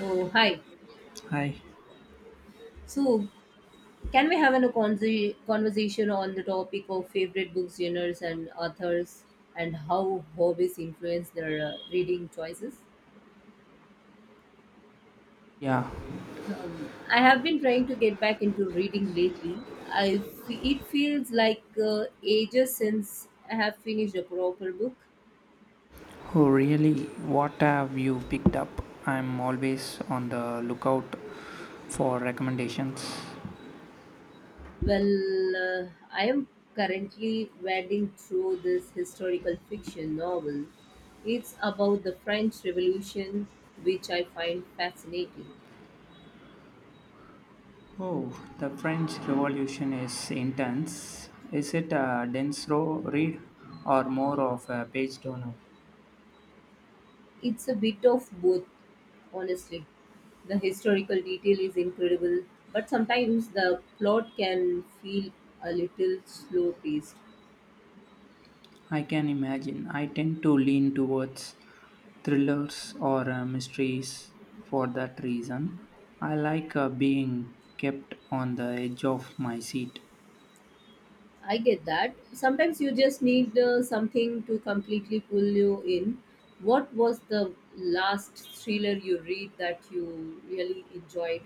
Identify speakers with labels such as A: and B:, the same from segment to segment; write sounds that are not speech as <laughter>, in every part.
A: Oh, hi.
B: Hi.
A: So, can we have a conversation on the topic of favorite book genres and authors and how hobbies influence their reading choices?
B: Yeah.
A: I have been trying to get back into reading lately. It feels like ages since I have finished a proper book.
B: Oh, really? What have you picked up? I'm always on the lookout for recommendations.
A: Well, I am currently wading through this historical fiction novel. It's about the French Revolution, which I find fascinating.
B: Oh, the French Revolution is intense. Is it a dense row read or more of a page turner?
A: It's a bit of both, honestly. The historical detail is incredible, but sometimes the plot can feel a little slow paced.
B: I can imagine. I tend to lean towards thrillers or mysteries for that reason. I like being kept on the edge of my seat.
A: I get that. Sometimes you just need something to completely pull you in. What was the last thriller you read that you really enjoyed?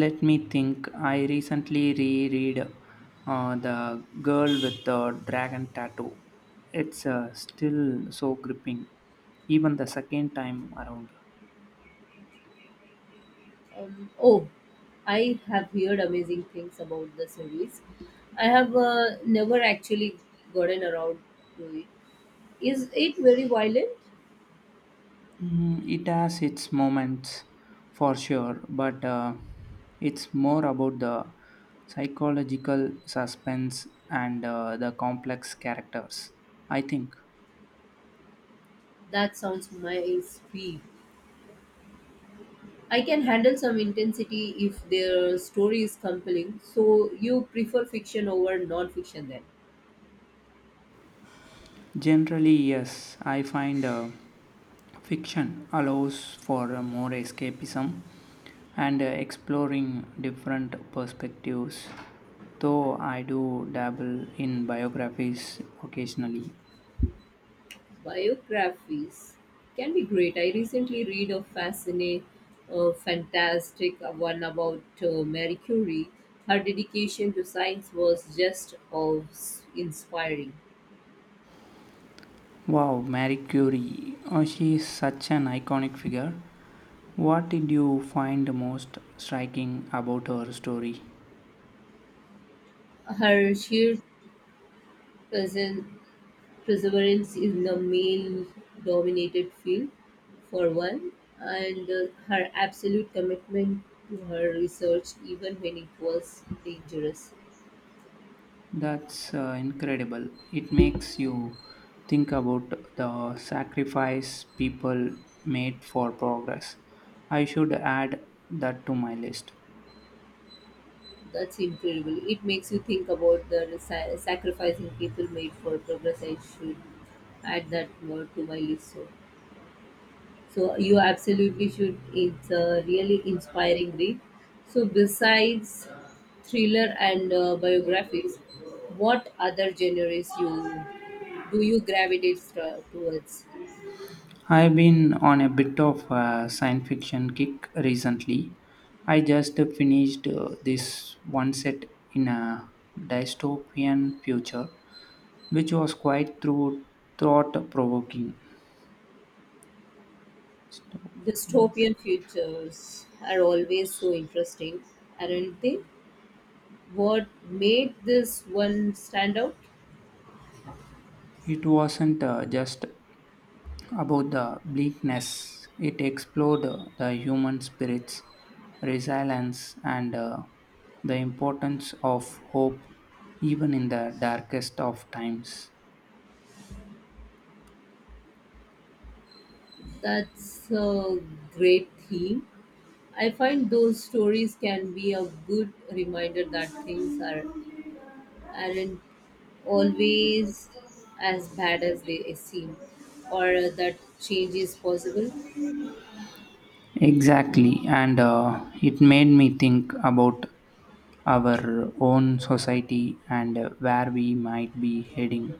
B: Let me think. I recently reread The Girl with the Dragon Tattoo. It's still so gripping, even the second time around.
A: Oh, I have heard amazing things about the series. I have never actually gotten around to it. Is it very violent?
B: Mm, it has its moments for sure, but it's more about the psychological suspense and the complex characters, I think.
A: That sounds my speed. I can handle some intensity if their story is compelling. So you prefer fiction over non-fiction then?
B: Generally, yes, I find fiction allows for more escapism and exploring different perspectives, though I do dabble in biographies occasionally.
A: Biographies can be great. I recently read a fantastic one about Marie Curie. Her dedication to science was just awe inspiring.
B: Wow, Marie Curie, oh, she is such an iconic figure. What did you find most striking about her story?
A: Her sheer presen- perseverance in a male dominated field, for one, and her absolute commitment to her research, even when it was dangerous.
B: That's incredible. It makes you think about the sacrifice people made for progress. I should add that to my list.
A: That's incredible. It makes you think about the sacrificing people made for progress. I should add that word to my list. So, you absolutely should. It's a really inspiring read. So, besides thriller and biographies, what other genres you gravitate towards?
B: I've been on a bit of a science fiction kick recently. I just finished this one set in a dystopian future, which was quite through thought provoking.
A: Dystopian futures are always so interesting, aren't they? What made this one stand out?
B: It wasn't just about the bleakness. It explored the human spirit's resilience and the importance of hope even in the darkest of times.
A: That's a great theme. I find those stories can be a good reminder that things are aren't always as bad as they seem, or that change is possible.
B: Exactly, and it made me think about our own society and where we might be heading.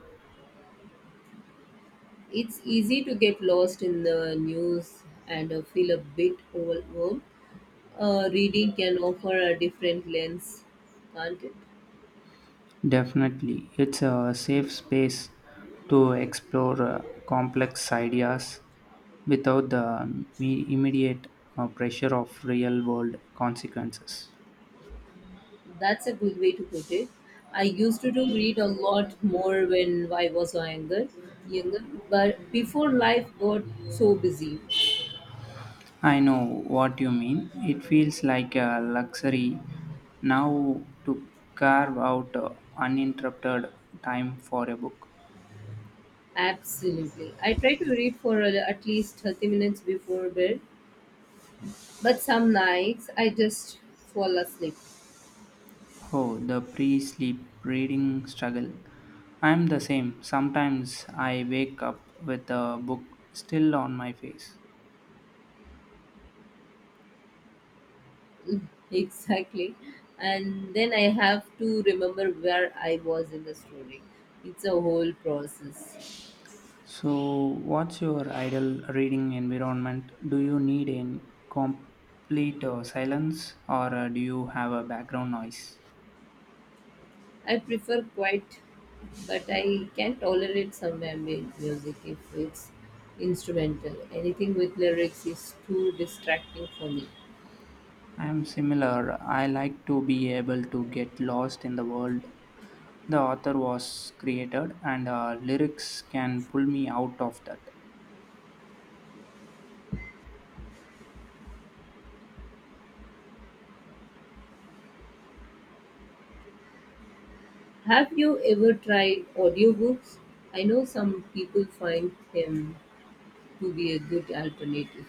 A: It's easy to get lost in the news and feel a bit overwhelmed. Reading can offer a different lens, can't it?
B: Definitely, it's a safe space to explore complex ideas without the immediate pressure of real world consequences.
A: That's a good way to put it. I used to do read a lot more when I was younger, but before life got so busy.
B: I know what you mean. It feels like a luxury now to carve out uninterrupted time for a book.
A: Absolutely. I try to read for at least 30 minutes before bed, but some nights I just fall asleep. <laughs>
B: Oh, the pre sleep reading struggle. I'm the same. Sometimes I wake up with a book still on my face.
A: Mm, exactly. And then I have to remember where I was in the story. It's a whole process.
B: So, what's your ideal reading environment? Do you need a complete silence or do you have a background noise?
A: I prefer quiet, but I can tolerate some ambient music if it's instrumental. Anything with lyrics is too distracting for me.
B: I am similar. I like to be able to get lost in the world the author was created, and lyrics can pull me out of that.
A: Have you ever tried audiobooks? I know some people find them to be a good alternative.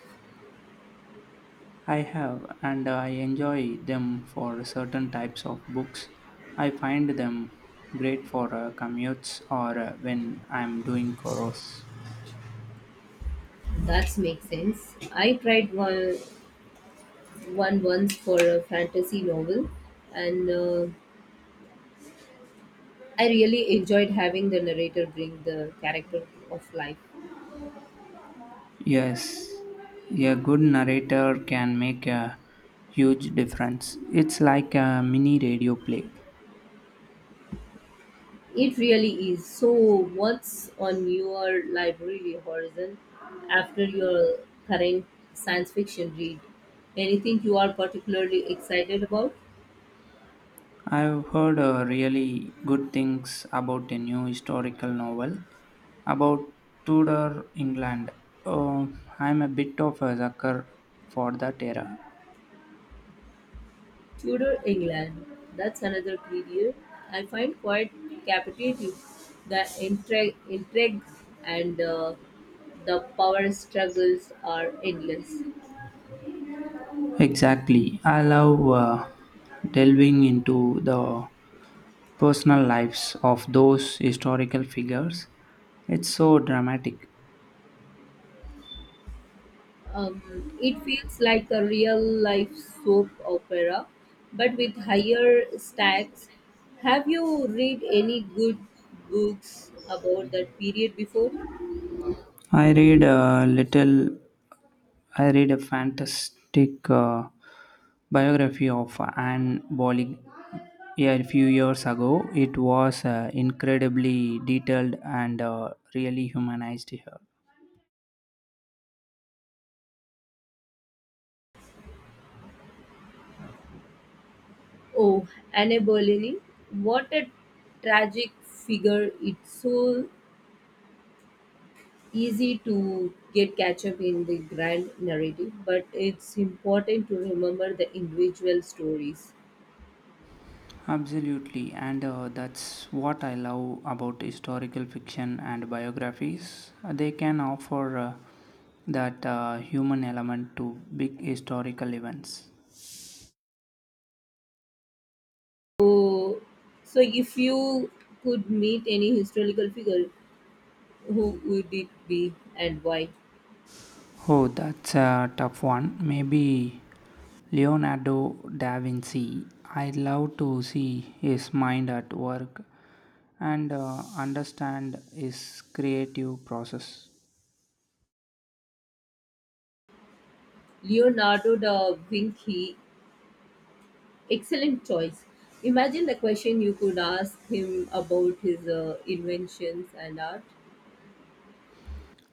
B: I have, and I enjoy them for certain types of books. I find them great for commutes or when I'm doing chores.
A: That makes sense. I tried one once for a fantasy novel, and I really enjoyed having the narrator bring the character of life.
B: Yes, a good narrator can make a huge difference. It's like a mini radio play.
A: It really is. So, what's on your library horizon after your current science fiction read? Anything you are particularly excited about?
B: I've heard really good things about a new historical novel about Tudor England. Oh, I'm a bit of a sucker for that era.
A: Tudor England. That's another period I find quite captivating. The intrigue and the power struggles are endless.
B: Exactly. I love delving into the personal lives of those historical figures. It's so dramatic.
A: It feels like a real life soap opera, but with higher stakes. Have you read any good books about that period before?
B: I read a little. I read a fantastic biography of Anne Boley, yeah, a few years ago. It was incredibly detailed and really humanized her.
A: Oh, Anne Boleyn. What a tragic figure. It's so easy to get catch up in the grand narrative, but it's important to remember the individual stories.
B: Absolutely, and that's what I love about historical fiction and biographies. They can offer that human element to big historical events.
A: So, so, if you could meet any historical figure, who would it be and why?
B: Oh, that's a tough one. Maybe Leonardo da Vinci. I'd love to see his mind at work and understand his creative process.
A: Leonardo da Vinci, excellent choice. Imagine the question you could ask him about his inventions and art.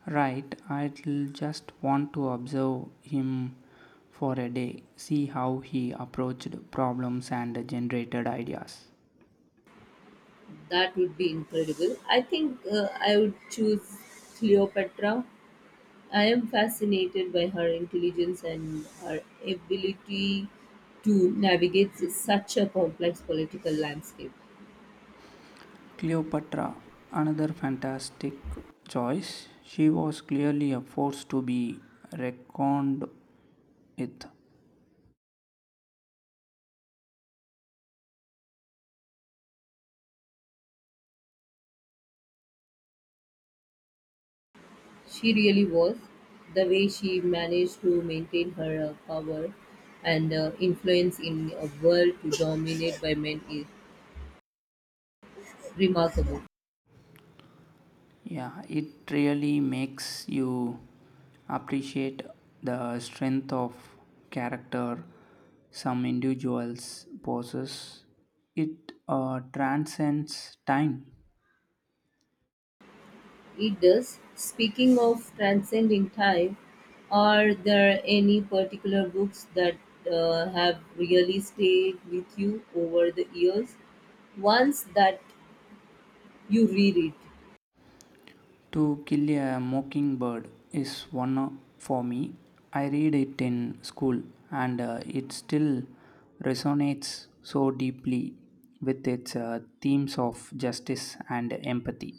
B: Right, I'd just want to observe him for a day, see how he approached problems and generated ideas.
A: That would be incredible. I think I would choose Cleopatra. I am fascinated by her intelligence and her ability to navigate such a complex political landscape.
B: Cleopatra, another fantastic choice. She was clearly a force to be reckoned it.
A: She really was, the way she managed to maintain her power and influence in a world dominated by men is remarkable.
B: Yeah, it really makes you appreciate the strength of character some individuals possess. It transcends time.
A: It does. Speaking of transcending time, are there any particular books that have really stayed with you over the years? Ones that you reread?
B: To kill a mockingbird is for me. I read it in school, and it still resonates so deeply with its themes of justice and empathy.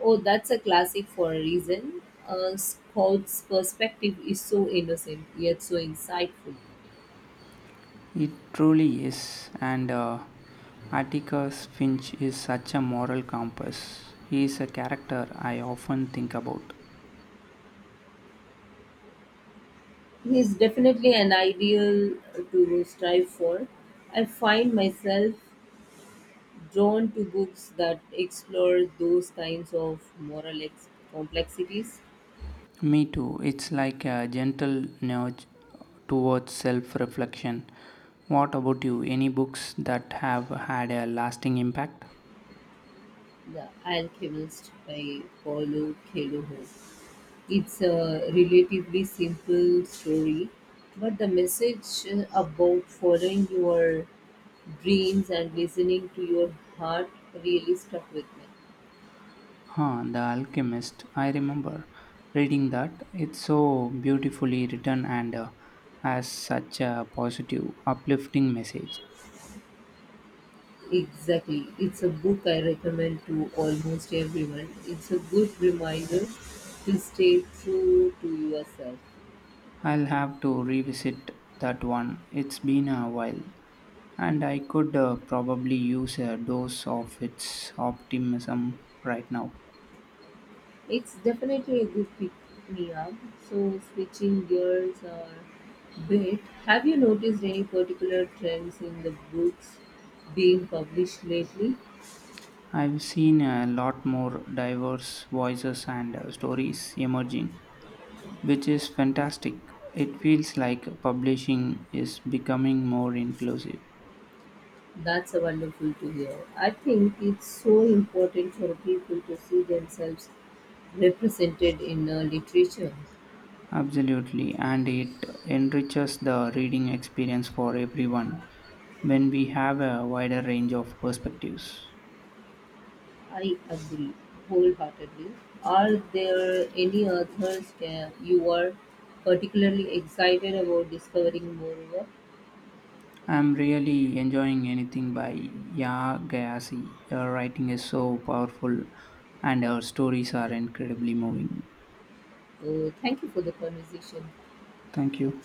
A: Oh, that's a classic for a reason. Scott's perspective is so innocent, yet so insightful.
B: It truly is, and Atticus Finch is such a moral compass. He is a character I often think about.
A: He's definitely an ideal to strive for. I find myself drawn to books that explore those kinds of moral complexities.
B: Me too, it's like a gentle nudge towards self reflection. What about you? Any books that have had a lasting impact?
A: The Alchemist by Paulo Coelho. It's a relatively simple story, but the message about following your dreams and listening to your heart really stuck with me.
B: Huh, The Alchemist. I remember reading that. It's so beautifully written and has such a positive, uplifting message.
A: Exactly. It's a book I recommend to almost everyone. It's a good reminder to stay true to yourself.
B: I'll have to revisit that one. It's been a while, and I could probably use a dose of its optimism right now.
A: It's definitely a good pick me up. So, switching gears a bit, have you noticed any particular trends in the books being published lately?
B: I've seen a lot more diverse voices and stories emerging, which is fantastic. It feels like publishing is becoming more inclusive.
A: That's a wonderful to hear. I think it's so important for people to see themselves represented in literature.
B: Absolutely, and it enriches the reading experience for everyone when we have a wider range of perspectives.
A: I agree wholeheartedly. Are there any authors you are particularly excited about discovering more over?
B: I'm really enjoying anything by Ya Gayasi. Her writing is so powerful and her stories are incredibly moving.
A: Thank you for the conversation.
B: Thank you.